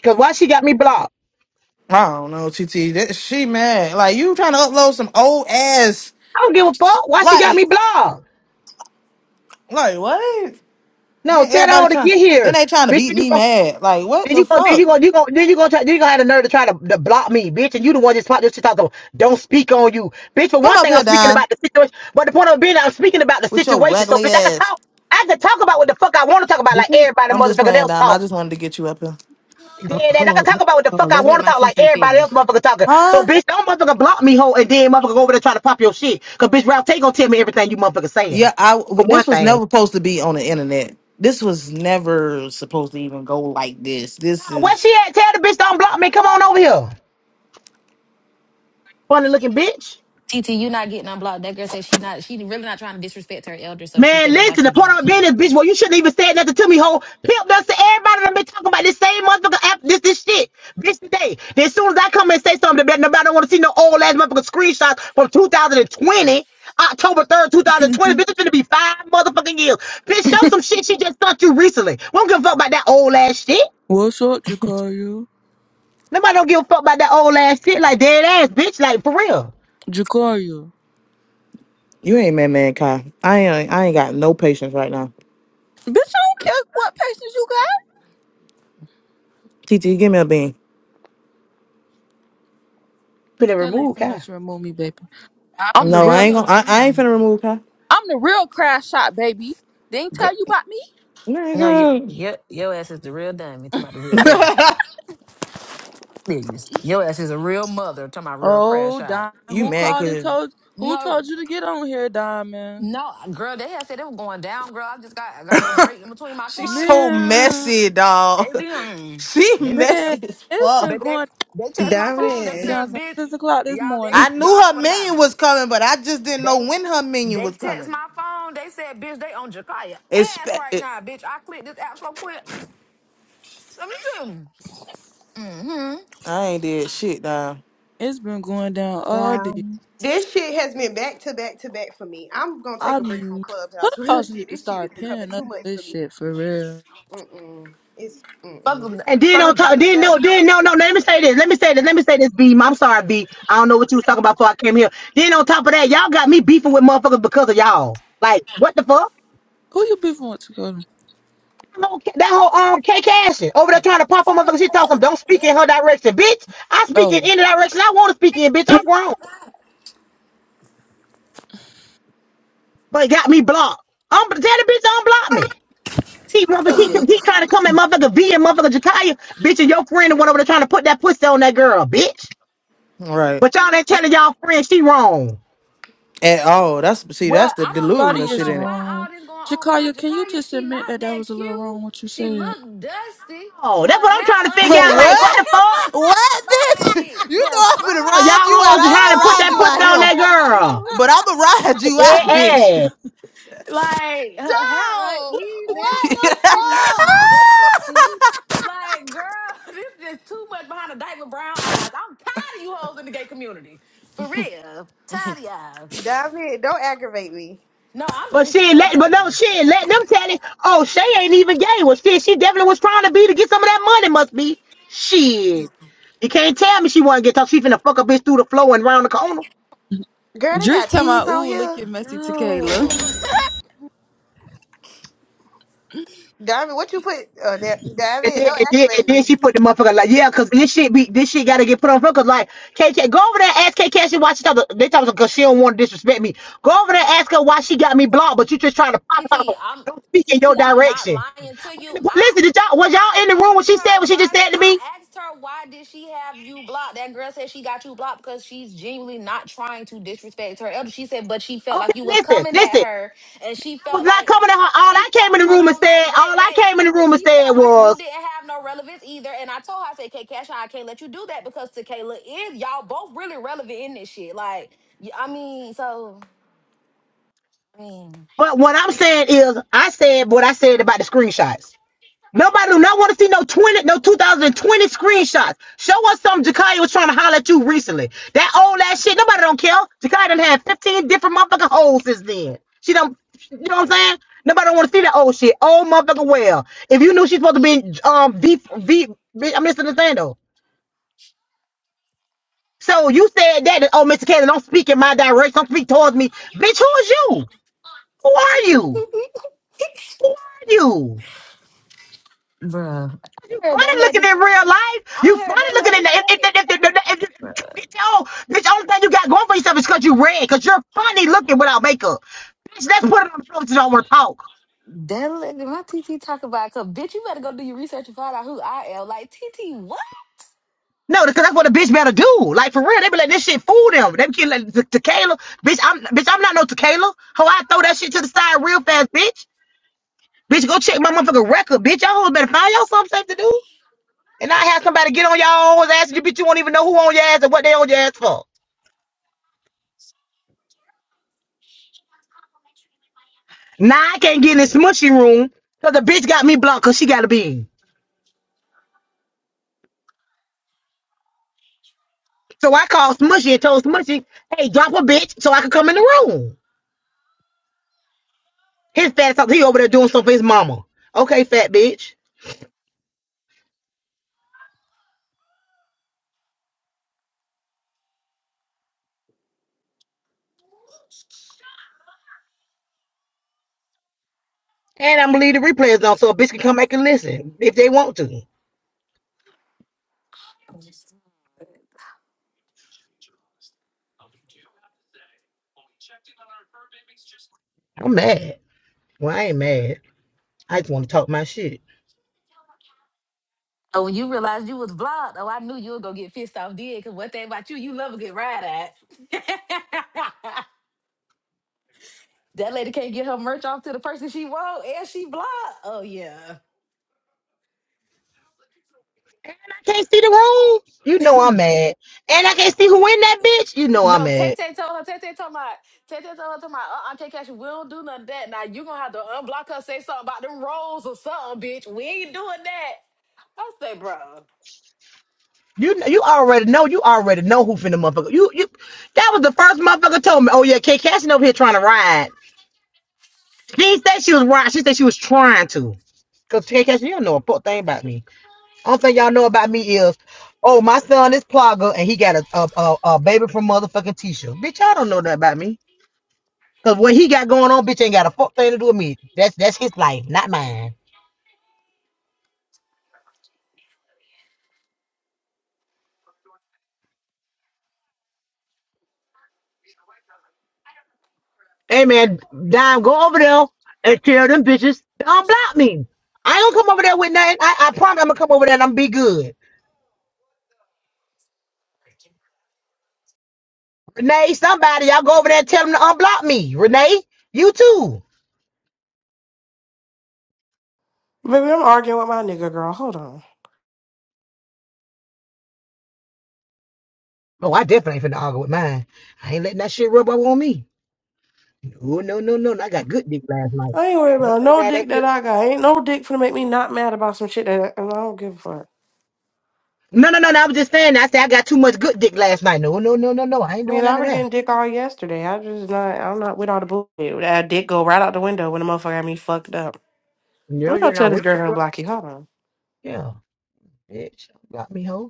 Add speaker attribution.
Speaker 1: Because why she got me blocked?
Speaker 2: I don't know, TT. That she mad. Like you trying to upload some old ass.
Speaker 1: I don't give a fuck. Why she got
Speaker 2: Like,
Speaker 1: me blocked?
Speaker 2: like what?
Speaker 1: No,
Speaker 2: Then
Speaker 1: tell
Speaker 2: everybody
Speaker 1: her to
Speaker 2: trying.
Speaker 1: get
Speaker 2: Then
Speaker 1: here.
Speaker 2: they trying to
Speaker 1: Bitch,
Speaker 2: beat
Speaker 1: you
Speaker 2: me
Speaker 1: go
Speaker 2: mad. Like what
Speaker 1: then
Speaker 2: the
Speaker 1: you go then you
Speaker 2: fuck?
Speaker 1: go you go then you go try then you gonna have the nerve to try to, to block me, bitch, and you the one just talk this shit talk about don't speak on you. Bitch, for
Speaker 2: Come
Speaker 1: one
Speaker 2: up
Speaker 1: thing I'm
Speaker 2: here,
Speaker 1: speaking
Speaker 2: Dime,
Speaker 1: about the situation. But the point of it being I'm speaking about the
Speaker 2: with your
Speaker 1: situation. So
Speaker 2: raggedy
Speaker 1: bitch, I can
Speaker 2: ass.
Speaker 1: talk I can talk about what the fuck I want to talk about
Speaker 3: The
Speaker 1: like
Speaker 3: queen.
Speaker 1: everybody
Speaker 2: I'm just
Speaker 1: motherfucker
Speaker 2: playing,
Speaker 1: else
Speaker 2: Dime. I
Speaker 1: talk.
Speaker 2: just wanted to get you up here.
Speaker 3: Uh,
Speaker 1: Dead ass.
Speaker 3: hold
Speaker 1: I can
Speaker 3: on,
Speaker 1: talk
Speaker 3: uh,
Speaker 1: about what the
Speaker 3: hold on.
Speaker 1: fuck I
Speaker 3: Let's let
Speaker 1: want to
Speaker 3: my
Speaker 1: talk like
Speaker 3: TT
Speaker 1: everybody else
Speaker 3: finish.
Speaker 1: motherfucker talking. So
Speaker 2: Huh?
Speaker 1: bitch, don't motherfucker block me hoe and then motherfucker go over there trying to pop your shit. Cause bitch Ralph Tay gonna tell me everything you motherfucker
Speaker 2: Yeah.
Speaker 1: saying.
Speaker 2: I.
Speaker 1: For
Speaker 2: w-
Speaker 1: one
Speaker 2: This was
Speaker 1: thing.
Speaker 2: never supposed to be on the internet. This was never supposed to even go like this. This
Speaker 1: Where
Speaker 2: is.
Speaker 1: she at? Tell the bitch don't block me. Come on over here. Funny looking bitch.
Speaker 3: TT, you not getting unblocked. That girl said she not. She really not trying to disrespect her elder, so she
Speaker 1: Man,
Speaker 3: said that's why
Speaker 1: listen, the
Speaker 3: she
Speaker 1: point of
Speaker 3: blocked
Speaker 1: being
Speaker 3: you.
Speaker 1: this bitch, well, you shouldn't even say nothing to me, ho. Pimp done to everybody done been talking about this same motherfucker after this this shit. Bitch today. Then as soon as I come and say something, that nobody don't want to see no old ass motherfucker screenshots from 2020, October 3rd, 2020. Bitch,
Speaker 3: I'm
Speaker 1: it's gonna be five motherfucking years. Bitch, show some shit she just sent you recently. We don't give a fuck about that old ass shit.
Speaker 4: What's up, Jacario?
Speaker 1: Nobody don't give a fuck about that old ass shit like dead ass, bitch. Like for real.
Speaker 4: Jacario.
Speaker 2: You ain't mad, man, Kai. I ain't. I ain't got no patience right now.
Speaker 4: Bitch, I don't care what patience you got.
Speaker 2: TT, give me a bean.
Speaker 1: Been
Speaker 4: Jacario ain't finna
Speaker 1: removed,
Speaker 4: let you remove me, baby.
Speaker 3: gonna
Speaker 4: I'm the
Speaker 2: No,
Speaker 3: say
Speaker 2: I
Speaker 4: real,
Speaker 3: she
Speaker 2: ain't
Speaker 3: on
Speaker 2: gonna.
Speaker 3: the
Speaker 2: I, I ain't
Speaker 3: phone.
Speaker 2: finna remove Kai.
Speaker 4: I'm the real crash shot, baby. They ain't tell
Speaker 3: Girl,
Speaker 4: you about me.
Speaker 3: no, you,
Speaker 2: Nigga.
Speaker 3: your your ass is the real dummy. Talking about the real crash out. Please, your ass is a real mother. Talking about real crash
Speaker 4: Oh,
Speaker 3: out.
Speaker 4: Diamond,
Speaker 2: you
Speaker 4: who
Speaker 2: mad
Speaker 4: called and
Speaker 2: cause
Speaker 4: told, who
Speaker 3: No,
Speaker 4: told you to get on here, Diamond?
Speaker 3: no, girl. They had said they were going down, girl. I just got I got a little break in between my
Speaker 2: she's so
Speaker 3: client.
Speaker 4: Man,
Speaker 2: messy,
Speaker 3: They
Speaker 2: dog.
Speaker 3: be, mm,
Speaker 2: She
Speaker 3: they said.
Speaker 4: man,
Speaker 2: messy as
Speaker 4: it's
Speaker 2: fuck.
Speaker 4: been
Speaker 3: Baby, they
Speaker 4: going
Speaker 3: they text
Speaker 4: it's
Speaker 3: my
Speaker 4: been
Speaker 3: phone. They
Speaker 5: Diamond,
Speaker 3: said,
Speaker 4: down since
Speaker 3: "Bitch,
Speaker 4: six o'clock this
Speaker 3: y'all, they
Speaker 4: morning.
Speaker 2: I
Speaker 3: y'all."
Speaker 2: knew
Speaker 3: I
Speaker 2: her
Speaker 3: swear to God,
Speaker 2: minion was coming, but I just didn't know
Speaker 3: they
Speaker 2: when her minion
Speaker 3: they
Speaker 2: was
Speaker 3: text
Speaker 2: coming.
Speaker 3: my phone. They said, "Bitch, they on Jakaya ass
Speaker 2: Expect
Speaker 3: right
Speaker 2: it.
Speaker 3: now, bitch." I clicked this app so quick. Let me see. Mm-hmm.
Speaker 2: I ain't did shit, dog.
Speaker 4: It's been going down all
Speaker 3: Yeah.
Speaker 4: day.
Speaker 5: this shit has been back to back to back for me. I'm gonna take
Speaker 4: I
Speaker 5: a break from
Speaker 4: mean,
Speaker 5: Clubhouse. Real
Speaker 4: Clubhouse
Speaker 5: shit,
Speaker 4: need to
Speaker 5: this shit is
Speaker 4: start
Speaker 5: becoming
Speaker 4: paying
Speaker 5: too
Speaker 4: up
Speaker 5: much
Speaker 4: for
Speaker 5: for
Speaker 4: this
Speaker 5: me.
Speaker 4: shit for real.
Speaker 5: Mm-mm. It's
Speaker 3: Fuck
Speaker 5: mm-mm.
Speaker 3: a
Speaker 5: It's-
Speaker 1: And then on
Speaker 3: fuck a
Speaker 1: top,
Speaker 3: dollar
Speaker 1: then
Speaker 3: girl.
Speaker 1: no,
Speaker 3: Pick
Speaker 1: then
Speaker 3: up
Speaker 1: no, no, no, let me say this. Let me say this. Let me say this, B. I'm sorry, B. I don't know what you was talking about before I came here. Then on top of that, y'all got me beefing with motherfuckers because of y'all. Like, what the fuck?
Speaker 4: Who you beefing with, Jacario?
Speaker 1: That whole that whole um K Cashin over there trying to pop on motherfuckers. She talks some don't speak in her direction, bitch. I speak in
Speaker 4: Oh.
Speaker 1: any direction I want to speak in, bitch. I'm grown, but it got me blocked. I'm tell the bitch unblock me. Keep motherfucker, keep,
Speaker 3: TT.
Speaker 1: keep trying to come at motherfucker V and motherfucker Jakaya, bitch, and your friend the one over there trying to put that pussy on that girl, bitch.
Speaker 2: Right.
Speaker 1: But y'all ain't
Speaker 4: I
Speaker 1: telling y'all friend she wrong.
Speaker 2: At all. That's see,
Speaker 3: Well,
Speaker 2: that's the
Speaker 3: I don't I
Speaker 4: Body
Speaker 2: delusional
Speaker 3: don't
Speaker 2: shit
Speaker 4: is
Speaker 3: know
Speaker 2: in it.
Speaker 3: why
Speaker 4: wrong.
Speaker 3: all this going on behind
Speaker 4: Jakaya, can you
Speaker 3: Jakaya.
Speaker 4: just
Speaker 3: She
Speaker 4: admit
Speaker 3: not
Speaker 4: that that
Speaker 3: that
Speaker 4: was a little
Speaker 3: cute.
Speaker 4: wrong what you
Speaker 3: She
Speaker 4: said?
Speaker 3: look dusty.
Speaker 1: Oh, that's
Speaker 3: Her
Speaker 1: what
Speaker 3: hair
Speaker 1: I'm trying to figure out. Like, what
Speaker 3: uneven.
Speaker 2: what?
Speaker 1: the fuck?
Speaker 2: What bitch?
Speaker 3: Like
Speaker 2: You
Speaker 3: the
Speaker 2: know I'm finna
Speaker 1: Oh, y'all
Speaker 3: fuck.
Speaker 2: ride you out.
Speaker 1: hoes
Speaker 2: I ain't
Speaker 1: trying
Speaker 2: gonna
Speaker 1: to put
Speaker 5: oh,
Speaker 3: She
Speaker 2: ride
Speaker 1: that
Speaker 2: you
Speaker 1: pussy
Speaker 2: out
Speaker 1: on
Speaker 3: not
Speaker 2: here.
Speaker 1: that
Speaker 3: that
Speaker 1: girl.
Speaker 2: But
Speaker 3: cute.
Speaker 2: I'ma ride
Speaker 1: Like,
Speaker 2: you
Speaker 1: dead
Speaker 2: out, bitch.
Speaker 1: ass.
Speaker 3: Like her hair
Speaker 5: dog!
Speaker 3: uneven.
Speaker 5: What the
Speaker 3: She looked
Speaker 5: fuck?
Speaker 3: dusty. Like, girl, this is too much behind a diaper brown eyes. I'm tired of you hoes in the gay community. For real. Tired of y'all.
Speaker 5: Diamond, don't aggravate me,
Speaker 3: No, I'm
Speaker 1: But
Speaker 3: just
Speaker 1: shit,
Speaker 3: saying
Speaker 1: let, but no
Speaker 3: though.
Speaker 1: shit, let them tell it. Oh, Shay ain't even gay. Well, shit, she definitely was trying to be to get some of that money, must be. Shit. You can't tell me she wasn't get tough. She finna fuck a bitch through the floor and round the corner.
Speaker 5: girl. They
Speaker 4: Drake
Speaker 5: got
Speaker 4: tell my
Speaker 5: thieves on
Speaker 4: ooh, look
Speaker 5: here.
Speaker 4: at Messy
Speaker 3: No.
Speaker 4: Tequila.
Speaker 5: Diamond, what you put? Uh, Diamond,
Speaker 1: And then,
Speaker 5: don't
Speaker 1: and then, and
Speaker 5: aggravate me.
Speaker 1: then she put the motherfucker like, yeah, cause this shit be, this shit gotta get put on her. Cause like, KK, go over there, and ask KK, she why she talk, they talking cause she don't want to disrespect me. Go over there, ask her why she got me blocked, but you just trying to pop
Speaker 3: TT,
Speaker 1: out.
Speaker 3: I'm
Speaker 1: Don't speak in
Speaker 3: TT,
Speaker 1: your
Speaker 3: I'm not
Speaker 1: direction.
Speaker 3: lying to you. I.
Speaker 1: Listen, did y'all, was
Speaker 3: I
Speaker 1: y'all in the room when
Speaker 3: asked
Speaker 1: she said
Speaker 3: her
Speaker 1: what she just
Speaker 3: why. sh
Speaker 1: said to
Speaker 3: I
Speaker 1: me?
Speaker 3: asked her why did she have you blocked? That girl said she got you blocked because she's genuinely not trying to disrespect her elder. She said, but she felt
Speaker 1: Okay,
Speaker 3: like you was
Speaker 1: listen,
Speaker 3: coming at
Speaker 1: listen.
Speaker 3: her, and she
Speaker 1: I was
Speaker 3: felt
Speaker 1: not
Speaker 3: like
Speaker 1: coming to her. All
Speaker 3: she
Speaker 1: I came
Speaker 3: felt.
Speaker 1: in the
Speaker 3: Hold
Speaker 1: room and
Speaker 3: on,
Speaker 1: said,
Speaker 3: wait, wait,
Speaker 1: all I
Speaker 3: wait.
Speaker 1: came in the room and
Speaker 3: She
Speaker 1: said
Speaker 3: felt like you
Speaker 1: was,
Speaker 3: didn't have no relevance either, and I told her, I said, "Okay, Cash, I can't let you do that because Tequila is y'all both really relevant in this shit." Like, y- I mean, so I mean,
Speaker 1: but what I'm saying is, I said what I said about the screenshots. Nobody do not want to see no 20, no 2020 screenshots. Show us something Jakaya was trying to holler at you recently. That old ass shit, nobody don't care. Jakaya done had 15 different motherfucking holes since then. She don't, you know what I'm saying? Nobody don't want to see that old shit. Old motherfucking well. If you knew she's supposed to be um, V, V, bitch, I'm Mr. Nathaniel. So you said that, that, oh, Mr. Kaylin, don't speak in my direction. Don't speak towards me. Bitch, who is you? Who are you? Who are you? You
Speaker 3: heard
Speaker 1: funny
Speaker 3: that lady.
Speaker 1: looking
Speaker 3: s-
Speaker 1: in real life. You
Speaker 3: I heard
Speaker 1: funny
Speaker 3: that
Speaker 1: looking
Speaker 3: lady
Speaker 1: in the. If, if,
Speaker 3: say.
Speaker 1: if, if, if, if, if you get your own, bitch, the only thing you got going for yourself is because you red, because you're funny looking without makeup. Bitch, let's put it on the floor that you don't want to talk.
Speaker 3: That let my TT talk about, cause bitch, you better go do your research and find out who I am. Like TT, what?
Speaker 1: No, because that's what a bitch better do. Like for real, they be letting this shit fool them. They be killing like, te- tequila. Bitch, I'm bitch, I'm not no tequila. How I throw that shit to the side real fast, bitch. Bitch, go check my motherfucking record, bitch. Y'all hoes better find y'all something safe to do. And I have somebody get on y'all hoes ass and you bitch, you won't even know who on your ass and what they on your ass for. Now I can't get in the smushy room because the bitch got me blocked because she got a bean. So I called Smushy and told Smushy, hey, drop a bitch so I could come in the room. His fat ass, he over there doing something for his mama. Okay, fat bitch. And I'm gonna leave the replays on so a bitch can come back and listen if they want to. I'm mad. Well, I ain't mad. I just want to talk my shit.
Speaker 3: Oh, when you realized you was blocked, oh, I knew you were gonna get pissed off, did? Cause one thing about you, you love a good ride at. that lady can't get her merch off to the person she want, and she blocked. Oh yeah.
Speaker 1: And I can't see the room. You know I'm mad. And I can't see who in that bitch. You know I'm
Speaker 3: No, Tay
Speaker 1: mad.
Speaker 3: Tay told her. Tay Tay told my. Tay Tay told her to my. Uh, Aunt K Cash, we don't do none of that. Now you gonna have to unblock her, say something about them rolls or something, bitch. We ain't doing that. I say, bro.
Speaker 1: You you already know. You already know who finna motherfucker. You you. That was the first motherfucker told me. Oh yeah, K Cashin over here trying to ride. She didn't say she was riding. She said she was trying to. Cause K Cashin, you don't know a fuck thing about me. Only thing y'all know about me is, oh my son is Plogger and he got a a, a, a baby from motherfucking Tisha. Bitch, y'all don't know that about me. Cause what he got going on, bitch, ain't got a fuck thing to do with me. That's that's his life, not mine. Hey man, Dime, go over there and tell them bitches don't block me. I ain't gonna come over there with nothing. I, I promise I'm gonna come over there and I'm be good. Renee, somebody, y'all go over there and tell them to unblock me. Renee, you too.
Speaker 6: Baby, I'm arguing with my nigga girl. Hold on.
Speaker 1: Oh, I definitely ain't finna argue with mine. I ain't letting that shit rub up on me. Oh no, no, no, no. I got good dick last night.
Speaker 6: I ain't worried
Speaker 1: I ain't
Speaker 6: about
Speaker 1: finna
Speaker 6: no
Speaker 1: have that
Speaker 6: dick
Speaker 1: shit.
Speaker 6: that I got. Ain't no dick finna make me not mad about some shit that I, I don't give a fuck.
Speaker 1: No, no, no, no. I was just saying. that. I said I got too much good dick last night. No, no, no, no, no. I ain't
Speaker 6: I mean,
Speaker 1: doing none
Speaker 6: I
Speaker 1: of
Speaker 6: was
Speaker 1: that.
Speaker 6: getting dick all yesterday. I just not. I'm not with all the bullshit. That dick go right out the window when the motherfucker got me fucked up. Let
Speaker 1: No,
Speaker 6: me go
Speaker 1: you're not.
Speaker 6: tell this
Speaker 1: Which
Speaker 6: girl to
Speaker 1: one?
Speaker 6: block you. Hold on.
Speaker 1: Yeah, bitch, block me, hoe.